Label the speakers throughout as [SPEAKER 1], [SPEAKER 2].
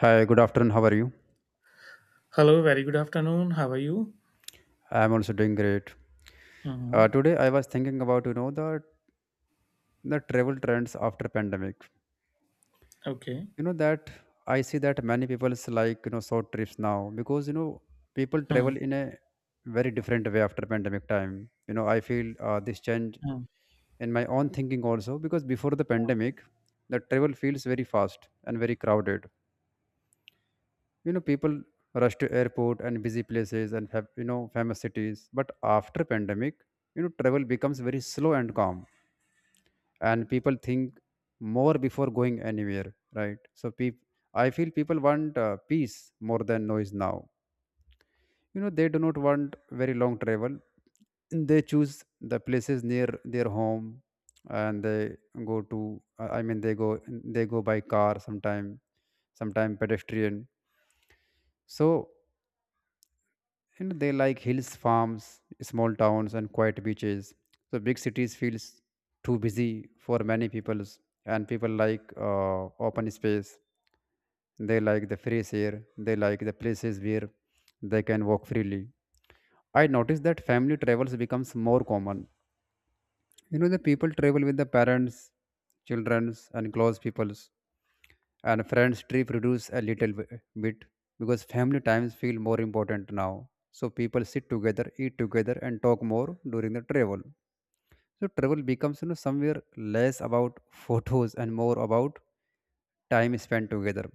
[SPEAKER 1] Hi, good afternoon. How are you?
[SPEAKER 2] Hello, very good afternoon. How are you?
[SPEAKER 1] I'm also doing great.
[SPEAKER 2] Uh huh.
[SPEAKER 1] Today I was thinking about the travel trends after pandemic.
[SPEAKER 2] Okay.
[SPEAKER 1] You know that I see that many people like short trips now because you know people
[SPEAKER 2] Hmm.
[SPEAKER 1] travel in a very different way after pandemic time. You know I feel this change
[SPEAKER 2] Hmm.
[SPEAKER 1] in my own thinking also because before the pandemic, the travel feels very fast and very crowded, you know, people rush to airport and busy places and have, you know, famous cities, but after pandemic you know travel becomes very slow and calm and people think more before going anywhere, right? So I feel people want peace more than noise now. You know they do not want very long travel. They choose the places near their home and they go to I mean they go by car sometime, sometime pedestrian. So and they like hills, farms, small towns and quiet beaches. So big cities feels too busy for many peoples. And people like open space. They like the fresh air. They like the places where they can walk freely. I noticed that family travels becomes more common. You know, the people travel with the parents, childrens, and close peoples, and friends trip reduce a little bit because family times feel more important now. So people sit together, eat together, and talk more during the travel. So travel becomes, you know, somewhere less about photos and more about time spent together.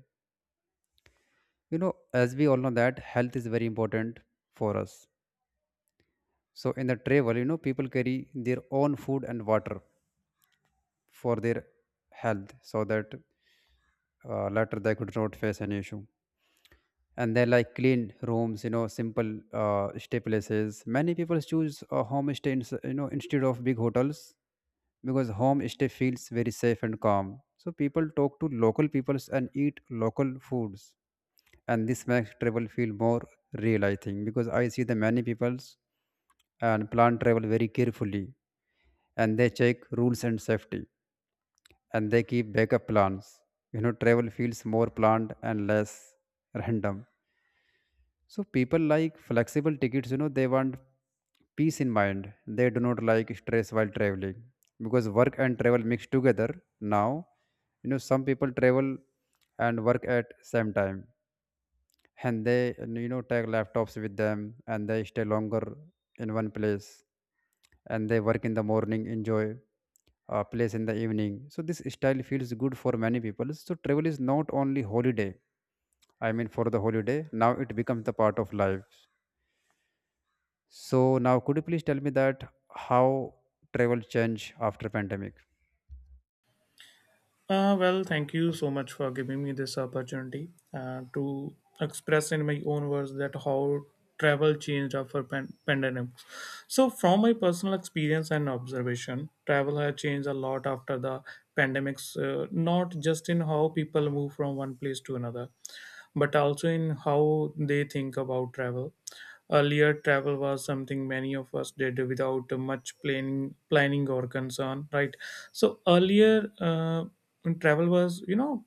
[SPEAKER 1] You know, as we all know that health is very important for us. So in the travel, you know, people carry their own food and water for their health so that later they could not face any issue. And they like clean rooms, you know, simple stay places. Many people choose a home stay you know instead of big hotels because home stay feels very safe and calm. So people talk to local peoples and eat local foods, and this makes travel feel more real. I think because I see the many peoples and plan travel very carefully, and they check rules and safety, and they keep backup plans. You know, travel feels more planned and less random. So people like flexible tickets. You know, they want peace in mind. They do not like stress while traveling because work and travel mix together now. You know, some people travel and work at same time, and they and, you know take laptops with them, and they stay longer in one place, and they work in the morning, enjoy place in the evening. So this style feels good for many people. So travel is not only holiday, I mean for the holiday. Now it becomes the part of life. So now could you please tell me that how travel change after pandemic?
[SPEAKER 2] Well, thank you so much for giving me this opportunity to express in my own words that how travel changed after pandemic. So, from my personal experience and observation, travel has changed a lot after the pandemics. Not just in how people move from one place to another, but also in how they think about travel. Earlier, travel was something many of us did without much planning or concern, right? So earlier, travel was, you know,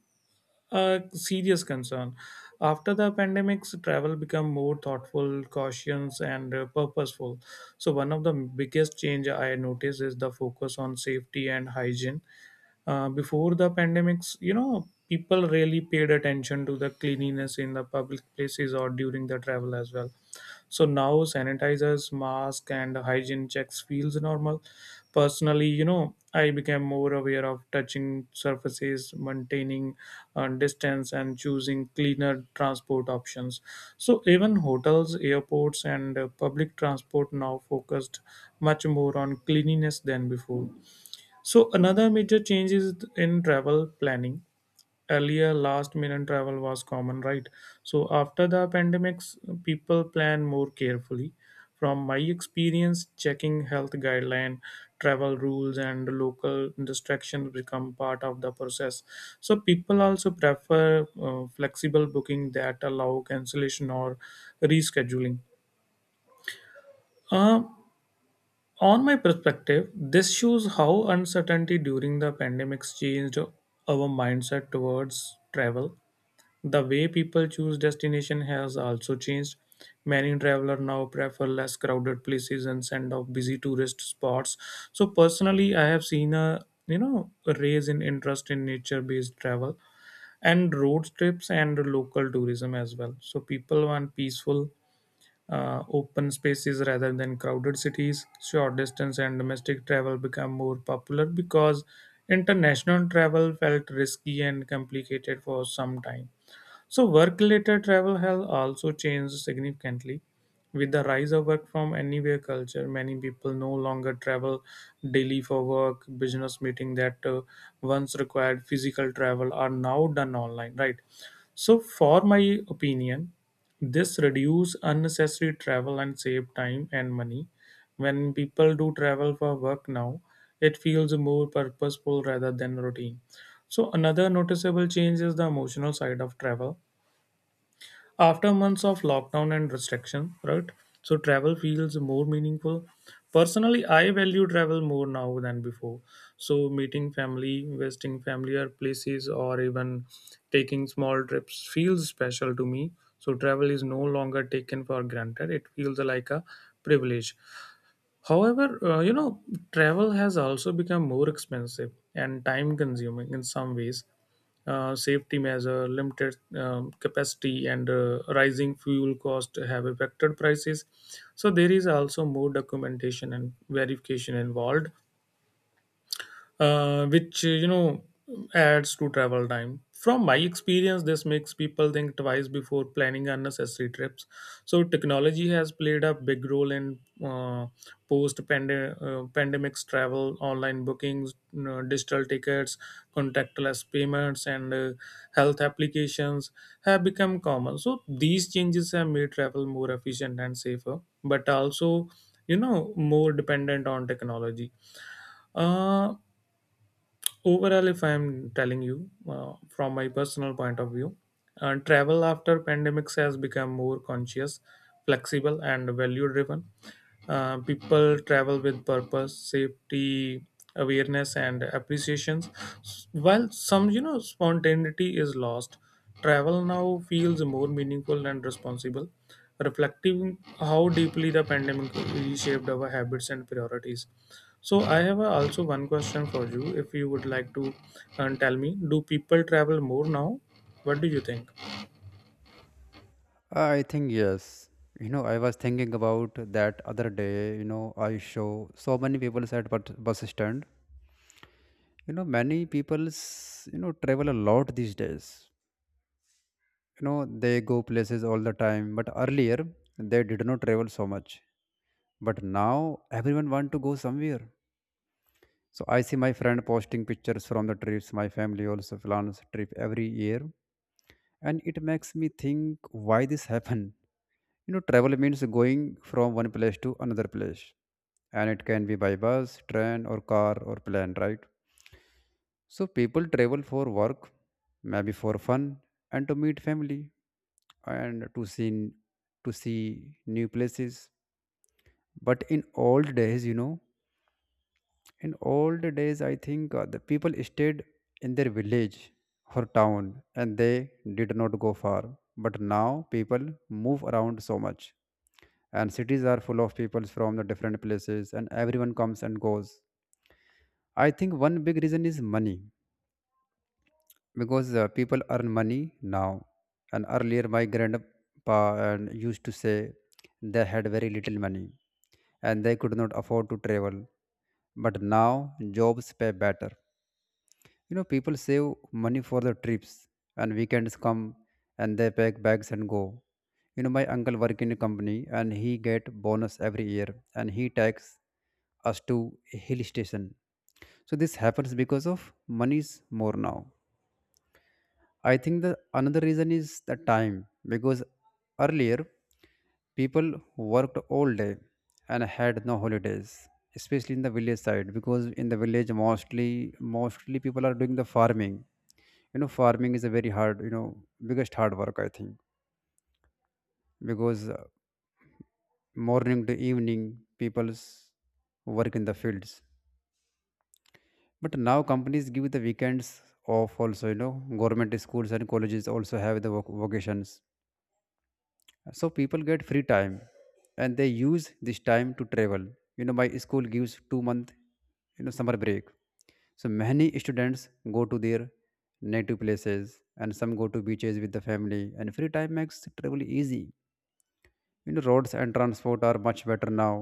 [SPEAKER 2] a serious concern. After the pandemics, travel became more thoughtful, cautious, and purposeful. So one of the biggest change I noticed is the focus on safety and hygiene. Uh, before the pandemics, you know, people really paid attention to the cleanliness in the public places or during the travel as well. So now sanitizers, mask, and hygiene checks feels normal. Personally, you know, I became more aware of touching surfaces, maintaining distance, and choosing cleaner transport options. So even hotels, airports, and public transport now focused much more on cleanliness than before. So another major change is in travel planning. Earlier, last minute travel was common, right? So after the pandemics, people plan more carefully. From my experience, checking health guideline, travel rules, and local distractions become part of the process. So people also prefer flexible booking that allow cancellation or rescheduling. Uh, on my perspective, this shows how uncertainty during the pandemics changed our mindset towards travel. The way people choose destination has also changed. Many travelers now prefer less crowded places and send off busy tourist spots. So personally, I have seen a, you know, a raise in interest in nature-based travel and road trips and local tourism as well. So people want peaceful, open spaces rather than crowded cities. Short distance and domestic travel become more popular because international travel felt risky and complicated for some time. So, work related travel has also changed significantly. With the rise of work from anywhere culture, many people no longer travel daily for work. Business meeting that once required physical travel are now done online, right? So, for my opinion, this reduce unnecessary travel and save time and money. When people do travel for work now, it feels more purposeful rather than routine. So, another noticeable change is the emotional side of travel after months of lockdown and restriction, right? So travel feels more meaningful. Personally, I value travel more now than before. So meeting family, visiting familiar places, or even taking small trips feels special to me. So travel is no longer taken for granted. It feels like a privilege. However, you know, travel has also become more expensive and time consuming in some ways. Safety measure, limited capacity, and rising fuel cost have affected prices. So there is also more documentation and verification involved, which, you know, adds to travel time. From my experience, this makes people think twice before planning unnecessary trips. So technology has played a big role in uh, post pandemics travel. Online bookings, you know, digital tickets, contactless payments, and health applications have become common. So these changes have made travel more efficient and safer, but also, you know, more dependent on technology. Uh, overall, if I'm telling you, from my personal point of view, travel after pandemics has become more conscious, flexible, and value driven. Uh, people travel with purpose, safety awareness, and appreciations. While some, you know, spontaneity is lost, travel now feels more meaningful and responsible, reflecting how deeply the pandemic reshaped our habits and priorities. So I have, also one question for you. If you would like to tell me, do people travel more now? What do you think?
[SPEAKER 1] I think yes. You know I was thinking about that other day. You know I saw so many people at but bus stand. You know many people's, you know, travel a lot these days. You know they go places all the time, but earlier they did not travel so much. But now everyone want to go somewhere. So I see my friend posting pictures from the trips. My family also plans trip every year, and it makes me think why this happened. You know, travel means going from one place to another place, and it can be by bus, train, or car, or plane, right? So people travel for work, maybe for fun, and to meet family and to see new places. But in old days, you know, in old days I think the people stayed in their village or town, and they did not go far. But now people move around so much, and cities are full of people from the different places, and everyone comes and goes. I think one big reason is money because people earn money now. And earlier my grandpa and used to say they had very little money and they could not afford to travel. But now jobs pay better. You know, people save money for the trips, and weekends come, and they pack bags and go. You know, my uncle work in a company and he get bonus every year, and he takes us to a hill station. So this happens because of money's more now. I think the another reason is the time because earlier people worked all day and had no holidays, especially in the village side because in the village mostly people are doing the farming. You know, farming is a very hard, you know, biggest hard work I think because morning to evening people's work in the fields. But now companies give the weekends off also. You know, government schools and colleges also have the vocations, so people get free time and they use this time to travel. You know, my school gives 2 months, you know, summer break, so many students go to their native places, and some go to beaches with the family. And free time makes travel easy. You know, roads and transport are much better now,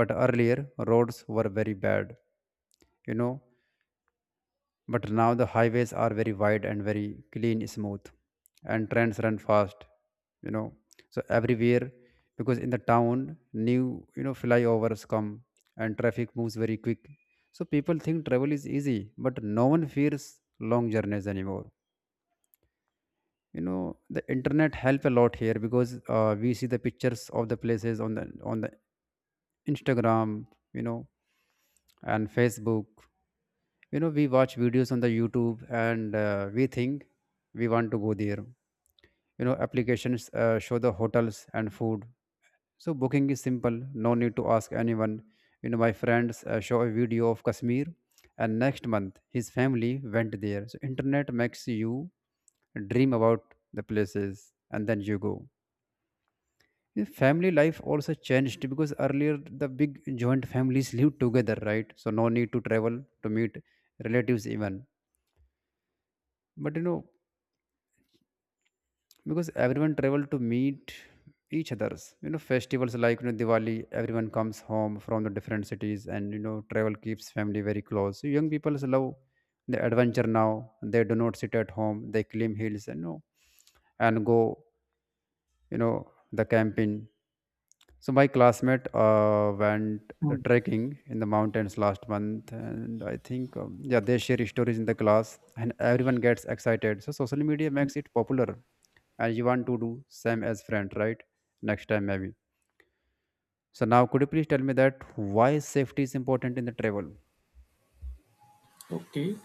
[SPEAKER 1] but earlier roads were very bad, you know. But now the highways are very wide and very clean, smooth, and trains run fast, you know. So everywhere, because in the town, new, you know, flyovers come and traffic moves very quick. So people think travel is easy, but no one fears long journeys anymore. You know, the internet help a lot here because we see the pictures of the places on the Instagram, you know, and Facebook. You know, we watch videos on the YouTube, and we think we want to go there. You know, applications show the hotels and food, so booking is simple, no need to ask anyone. You know, my friends show a video of Kashmir, and next month his family went there. So internet makes you dream about the places, and then you go. The family life also changed because earlier the big joint families lived together, right? So no need to travel to meet relatives even. But you know, because everyone travel to meet each others, you know, festivals like, you know, Diwali, everyone comes home from the different cities. And you know travel keeps family very close. So young people love the adventure now. They do not sit at home. They climb hills and, you know, and go, you know, the camping. So my classmate went the
[SPEAKER 2] Hmm.
[SPEAKER 1] trekking in the mountains last month, and I think yeah, they share stories in the class, and everyone gets excited. So social media makes it popular, and you want to do same as friend, right? Next time maybe. So now could you please tell me that why safety is important in the travel?
[SPEAKER 2] Okay.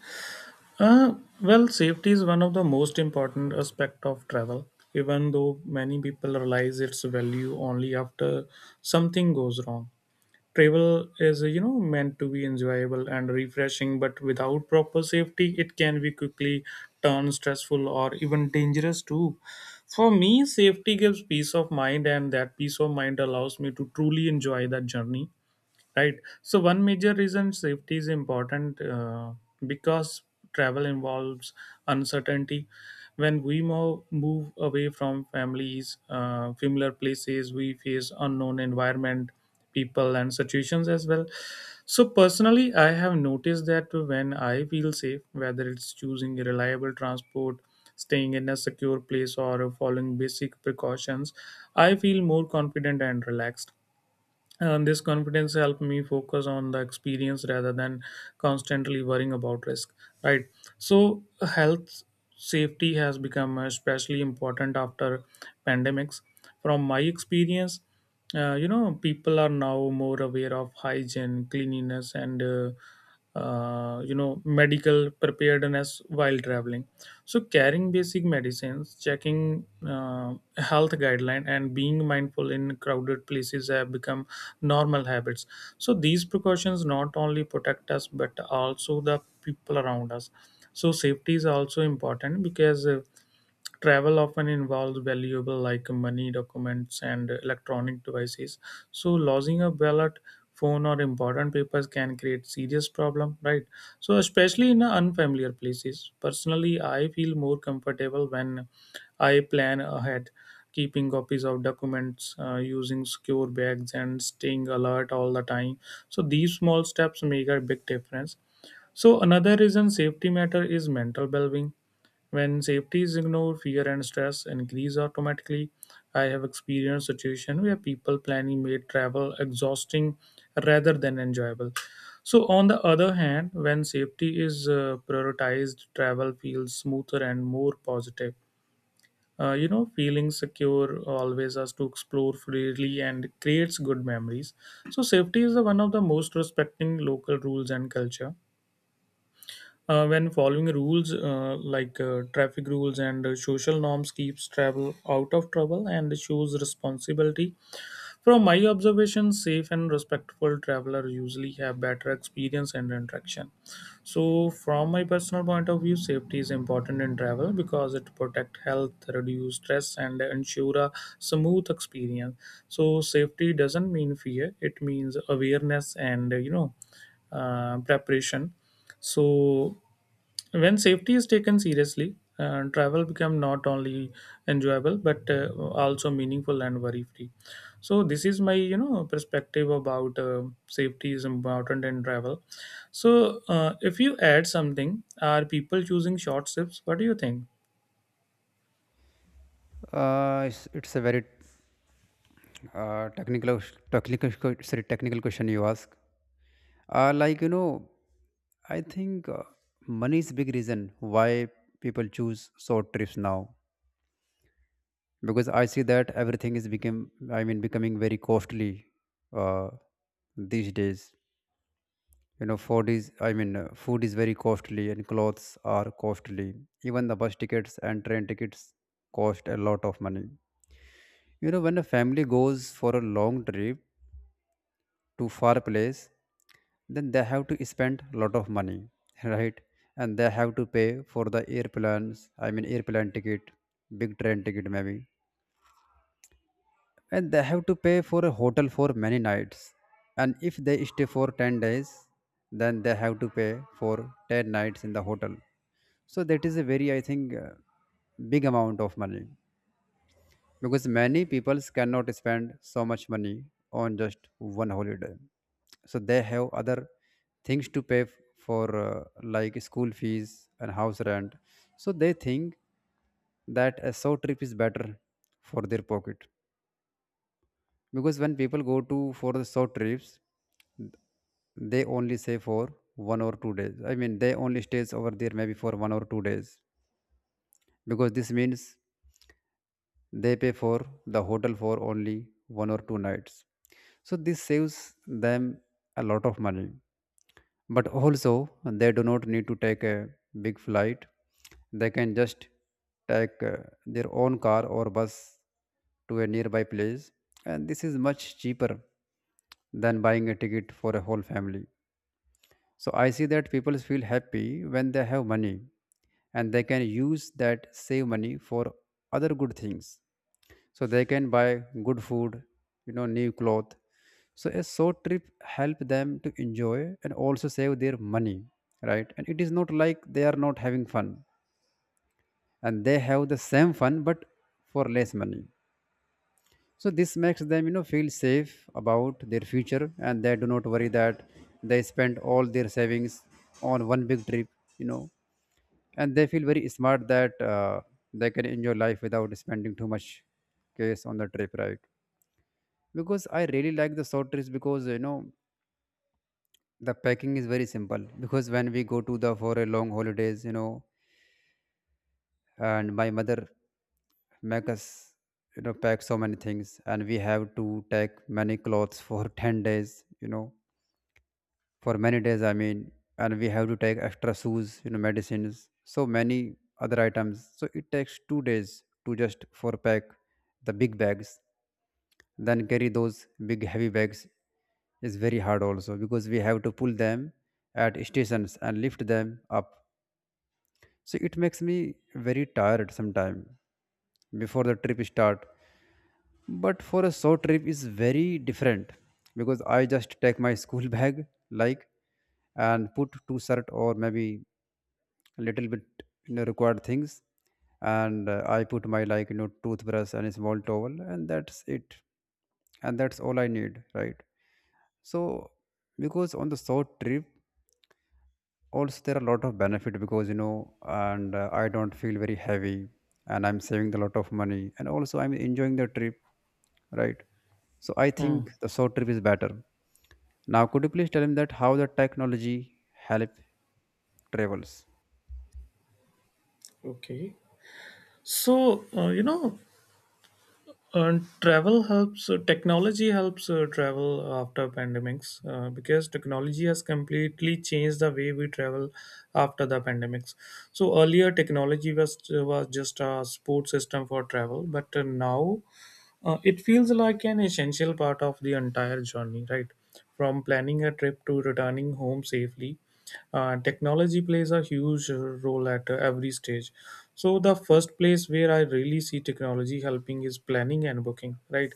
[SPEAKER 2] Uh, well, safety is one of the most important aspect of travel, even though many people realize its value only after something goes wrong. Travel is, you know, meant to be enjoyable and refreshing, but without proper safety it can be quickly turned stressful or even dangerous too. For me, safety gives peace of mind, and that peace of mind allows me to truly enjoy that journey, right? So one major reason safety is important, because travel involves uncertainty. When we move away from families, familiar places, we face unknown environment, people, and situations as well. So personally, I have noticed that when I feel safe, whether it's choosing a reliable transport, staying in a secure place, or following basic precautions, I feel more confident and relaxed, and this confidence helped me focus on the experience rather than constantly worrying about risk. Right. So health safety has become especially important after pandemics. From my experience, you know, people are now more aware of hygiene, cleanliness, and you know, medical preparedness while traveling. So carrying basic medicines, checking health guideline, and being mindful in crowded places have become normal habits. So these precautions not only protect us but also the people around us. So safety is also important because travel often involves valuable like money, documents, and electronic devices. So losing a ballot, phone, or important papers can create serious problem, right? So especially in unfamiliar places, personally I feel more comfortable when I plan ahead, keeping copies of documents, using secure bags, and staying alert all the time. So these small steps make a big difference. So another reason safety matter is mental well-being. When safety is ignored, fear and stress increase automatically. I have experienced situations where people planning made travel exhausting rather than enjoyable. So, on the other hand, when safety is prioritized, travel feels smoother and more positive. You know, feeling secure always us to explore freely and creates good memories. So, safety is the one of the most respecting local rules and culture. When following rules like traffic rules and social norms keeps travel out of trouble and shows responsibility. From my observation, safe and respectful traveler usually have better experience and interaction. So from my personal point of view, safety is important in travel because it protect health, reduce stress, and ensure a smooth experience. So safety doesn't mean fear. It means awareness and, you know, preparation. So when safety is taken seriously, travel become not only enjoyable but also meaningful and worry free. So this is my, you know, perspective about safety is important in travel. So if you add something, are people choosing short trips? What do you think?
[SPEAKER 1] It's a very uh, technical, technical, technical question you ask. Uh, like, you know, I think money is big reason why people choose short trips now because I see that everything is become I mean becoming very costly uh, these days. You know, food is very costly and clothes are costly. Even the bus tickets and train tickets cost a lot of money. You know, when a family goes for a long trip, to far place, then they have to spend a lot of money. Right, and they have to pay for the airplanes I mean airplane ticket, big train ticket maybe, and they have to pay for a hotel for many nights. And if they stay for 10 days, then they have to pay for 10 nights in the hotel. So that is a very, I think, big amount of money because many people cannot spend so much money on just one holiday. So they have other things to pay for, like school fees and house rent. So they think that a short trip is better for their pocket because when people go to for the short trips, they only stay for one or two days. I mean they only stays over there maybe for one or two days because this means they pay for the hotel for only one or two nights. So this saves them a lot of money. But also, they do not need to take a big flight. They can just take their own car or bus to a nearby place. And this is much cheaper than buying a ticket for a whole family. So I see that people feel happy when they have money and they can use that save money for other good things, so they can buy good food, new cloth. So a short trip help them to enjoy and also save their money, right? And it is not like they are not having fun, and they have the same fun but for less money. So this makes them, feel safe about their future, and they do not worry that they spend all their savings on one big trip you know and they feel very smart that they can enjoy life without spending too much case on the trip, right? Because I really like the short trips, because the packing is very simple. Because when we go to the for a long holidays, and my mother make us, pack so many things, and we have to take many clothes for 10 days, for many days, I mean. And we have to take extra shoes, medicines, so many other items, so it takes 2 days to just for pack the big bags. Then carry those big heavy bags is very hard also, because we have to pull them at stations and lift them up. So it makes me very tired sometime before the trip start. But for a short trip is very different, because I just take my school bag like and put two shirt, or maybe a little bit, required things. And I put my, like, toothbrush and a small towel, and that's it. And that's all I need, right? So because on the short trip also there are a lot of benefit, because you know and I don't feel very heavy, and I'm saving a lot of money, and also I'm enjoying the trip, right? So I
[SPEAKER 2] Hmm.
[SPEAKER 1] think the short trip is better. Now could you please tell him that how the technology help travels?
[SPEAKER 2] Okay. So, you know, and travel helps, technology helps travel after pandemics because technology has completely changed the way we travel after the pandemics. So earlier, technology was just a support system for travel, but now it feels like an essential part of the entire journey, right? From planning a trip to returning home safely, technology plays a huge role at every stage. So, the first place where I really see technology helping is planning and booking, right?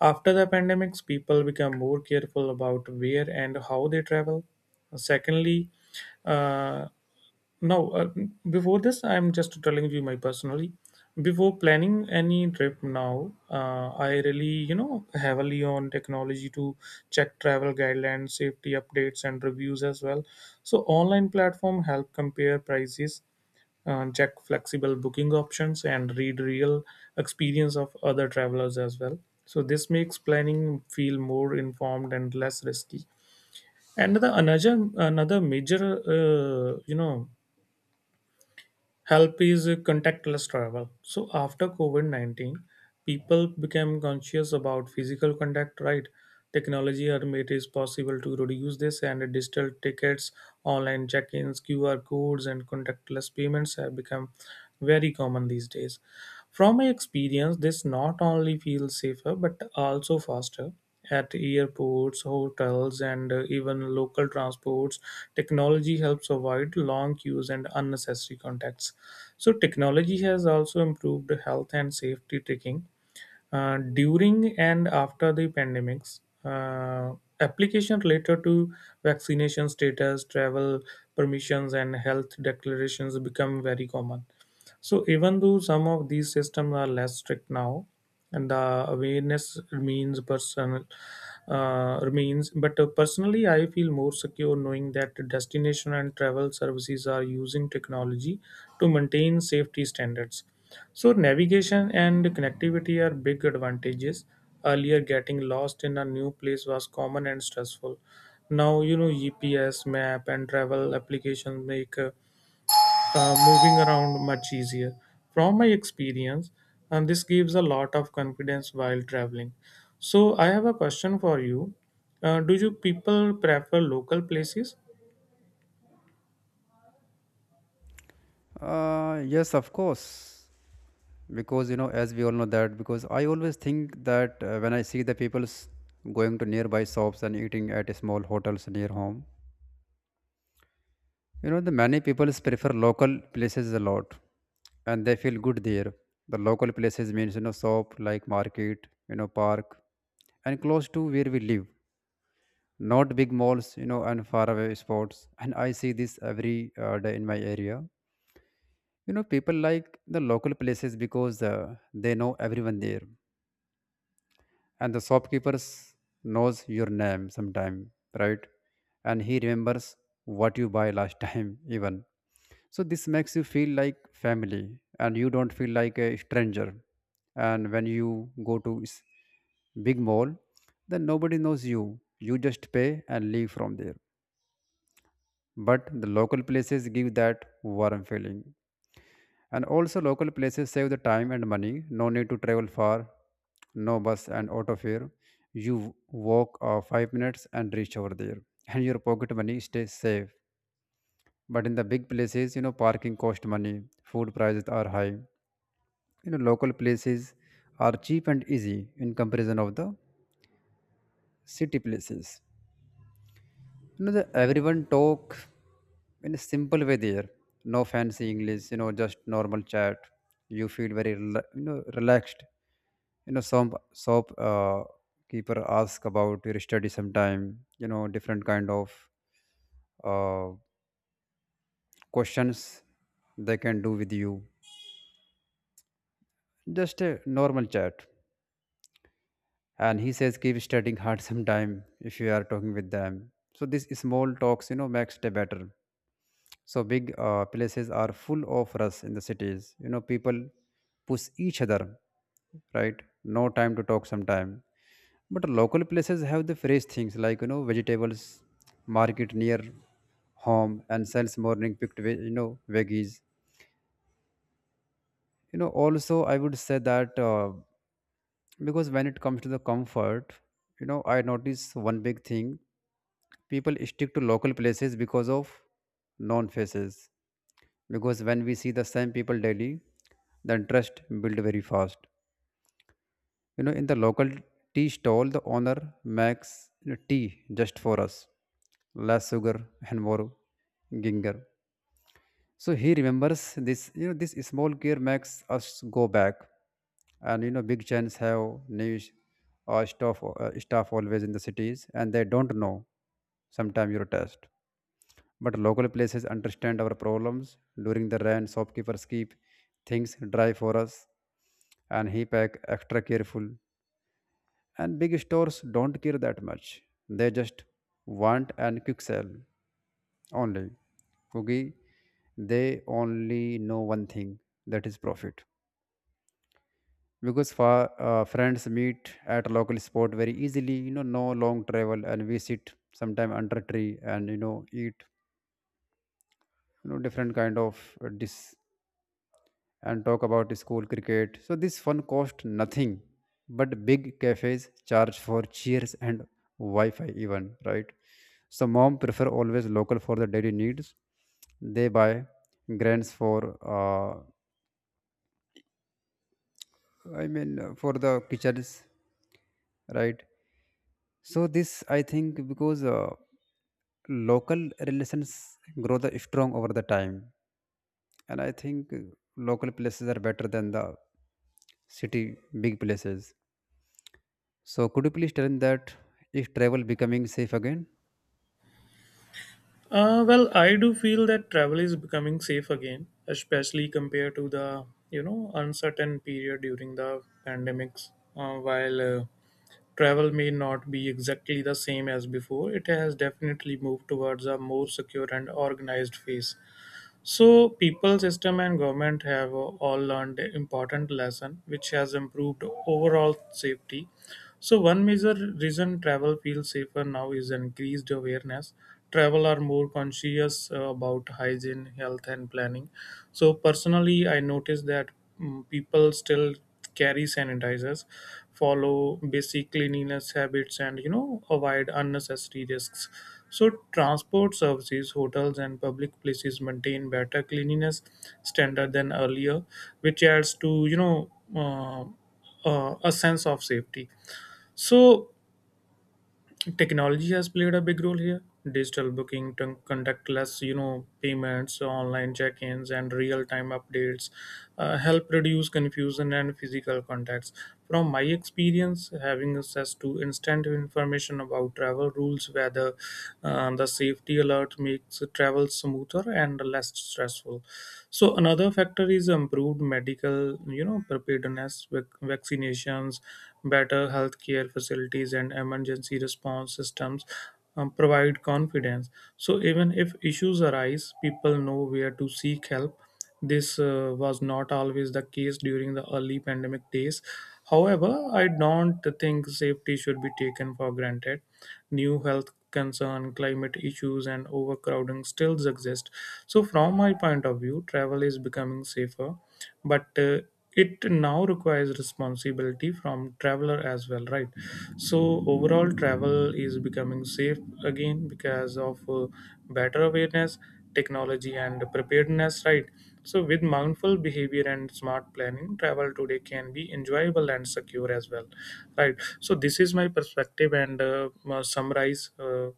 [SPEAKER 2] After the pandemics, people become more careful about where and how they travel. Secondly, uh, now, before this, I'm just telling you my personally. Before planning any trip now, I really, you know, heavily on technology to check travel guidelines, safety updates, and reviews as well. So, online platform help compare prices, check flexible booking options, and read real experience of other travelers as well. So, this makes planning feel more informed and less risky. Another major, you know, help is contactless travel. So after COVID COVID-19, people became conscious about physical contact, right? Technology had made it possible to reduce this, and digital tickets, online check ins, QR codes, and contactless payments have become very common these days. From my experience, this not only feels safer but also faster. At airports, hotels, and even local transports, technology helps avoid long queues and unnecessary contacts. So, technology has also improved health and safety taking during and after the pandemics. Application related to vaccination status, travel permissions, and health declarations become very common. So even though some of these systems are less strict now, and the awareness remains personal, remains. But personally, I feel more secure knowing that destination and travel services are using technology to maintain safety standards. So navigation and connectivity are big advantages. Earlier, getting lost in a new place was common and stressful. Now, you know, GPS, map, and travel applications make moving around much easier. From my experience, and this gives a lot of confidence while traveling. So I have a question for you. Do you people prefer local places?
[SPEAKER 1] Yes, of course. Because as we all know that, because I always think that when I see the people's going to nearby shops and eating at small hotels near home. You know, the many people prefer local places a lot, and they feel good there. The local places means, you know, shop like market, you know, park, and close to where we live, not big malls, you know, and far away spots. And I see this every day in my area. You know, people like the local places because they know everyone there, and the shopkeepers knows your name sometime, right? And he remembers what you buy last time even. So this makes you feel like family, and you don't feel like a stranger. And when you go to big mall, then nobody knows you. You just pay and leave from there. But the local places give that warm feeling. And also local places save the time and money. No need to travel far, no bus and auto fare. You walk 5 minutes and reach over there. And your pocket money stays safe. But in the big places, you know, parking cost money, food prices are high. You know, local places are cheap and easy in comparison of the city places. You know, the everyone talk in a simple way there, no fancy English, you know, just normal chat. You feel very you know, relaxed. You know, some shop keeper ask about your study sometime, you know, different kind of uh, questions they can do with you, just a normal chat. And he says keep studying hard sometime, if you are talking with them. So this small talks, you know, makes day better. So big places are full of rush in the cities, you know, people push each other, right? No time to talk sometime. But local places have the fresh things, like, you know, vegetables market near home, and sells morning picked you know, veggies. You know, also I would say that because when it comes to the comfort, you know, I notice one big thing. People stick to local places because of known faces. Because when we see the same people daily, the interest build very fast. You know, in the local tea stall, the owner makes, you know, tea just for us, less sugar and more ginger. So he remembers this, you know, this small care makes us go back. And you know, big chains have new s- staff staff always in the cities, and they don't know sometimes your taste. But local places understand our problems. During the rain, shopkeepers keep things dry for us, and he pack extra careful. And big stores don't care that much. They just want and quick sell only. Okay? They only know one thing, that is profit. Because for friends meet at local spot very easily, you know, no long travel, and we sit sometime under tree and eat, you know, different kind of dish, and talk about school cricket. So this fun cost nothing, but big cafes charge for cheers and Wi-Fi even, right? So mom prefer always local for the daily needs. They buy grains for for the kitchens, right? So this I think because local relations grow the strong over the time. And I think local places are better than the city big places. So could you please tell me that is travel becoming safe again?
[SPEAKER 2] Well, I do feel that travel is becoming safe again, especially compared to the, you know, uncertain period during the pandemics. While travel may not be exactly the same as before, it has definitely moved towards a more secure and organized phase. So people, system, and government have all learned important lesson, which has improved overall safety. So, one major reason travel feels safer now is increased awareness. Travel are more conscious about hygiene, health, and planning. So, personally, I noticed that people still carry sanitizers, follow basic cleanliness habits, and, you know, avoid unnecessary risks. So, transport services, hotels, and public places maintain better cleanliness standard than earlier, which adds to, you know, a sense of safety. So technology has played a big role here. Digital booking, contactless, you know, payments, online check-ins, and real-time updates help reduce confusion and physical contacts. From my experience, having access to instant information about travel rules, whether the safety alert, makes travel smoother and less stressful. So another factor is improved medical, you know, preparedness, vaccinations, better healthcare facilities, and emergency response systems provide confidence. So even if issues arise, people know where to seek help. This was not always the case during the early pandemic days. However, I don't think safety should be taken for granted. New health concerns, climate issues, and overcrowding still exist. So, from my point of view, travel is becoming safer, but it now requires responsibility from traveler as well, right? So, overall, travel is becoming safe again because of better awareness, technology, and preparedness, right? So with mindful behavior and smart planning, travel today can be enjoyable and secure as well, right? So this is my perspective, and, summarize,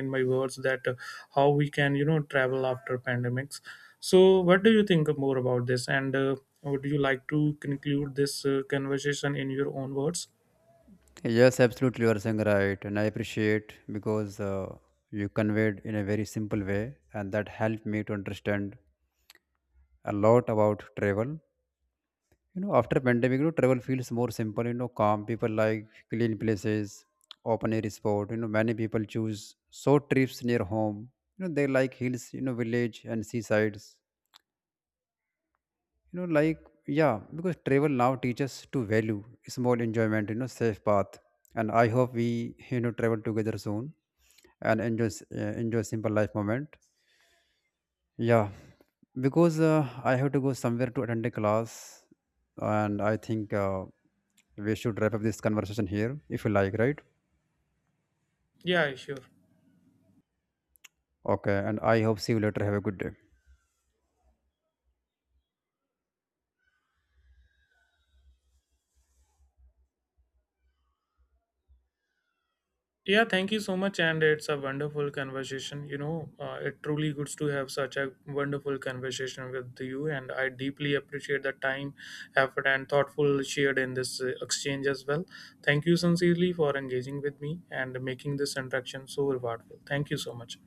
[SPEAKER 2] in my words, that how we can, you know, travel after pandemics. So what do you think more about this, and would you like to conclude this conversation in your own words?
[SPEAKER 1] Yes, absolutely, you are saying right, and I appreciate, because you conveyed in a very simple way, and that helped me to understand a lot about travel. You know, after pandemic, you know, travel feels more simple, you know, calm. People like clean places, open air sport, you know, many people choose short trips near home. You know, they like hills, you know, village and seasides, you know, like, yeah. Because travel now teaches to value small enjoyment, you know, safe path. And I hope we you know, travel together soon, and enjoy enjoy simple life moment. Yeah, because I have to go somewhere to attend a class, and I think we should wrap up this conversation here if you like, right?
[SPEAKER 2] Yeah, sure.
[SPEAKER 1] Okay, and I hope see you later. Have a good day.
[SPEAKER 2] Yeah, thank you so much, and it's a wonderful conversation. You know, it truly good to have such a wonderful conversation with you, and I deeply appreciate the time, effort, and thoughtful shared in this exchange as well. Thank you sincerely for engaging with me and making this interaction so rewardful. Thank you so much.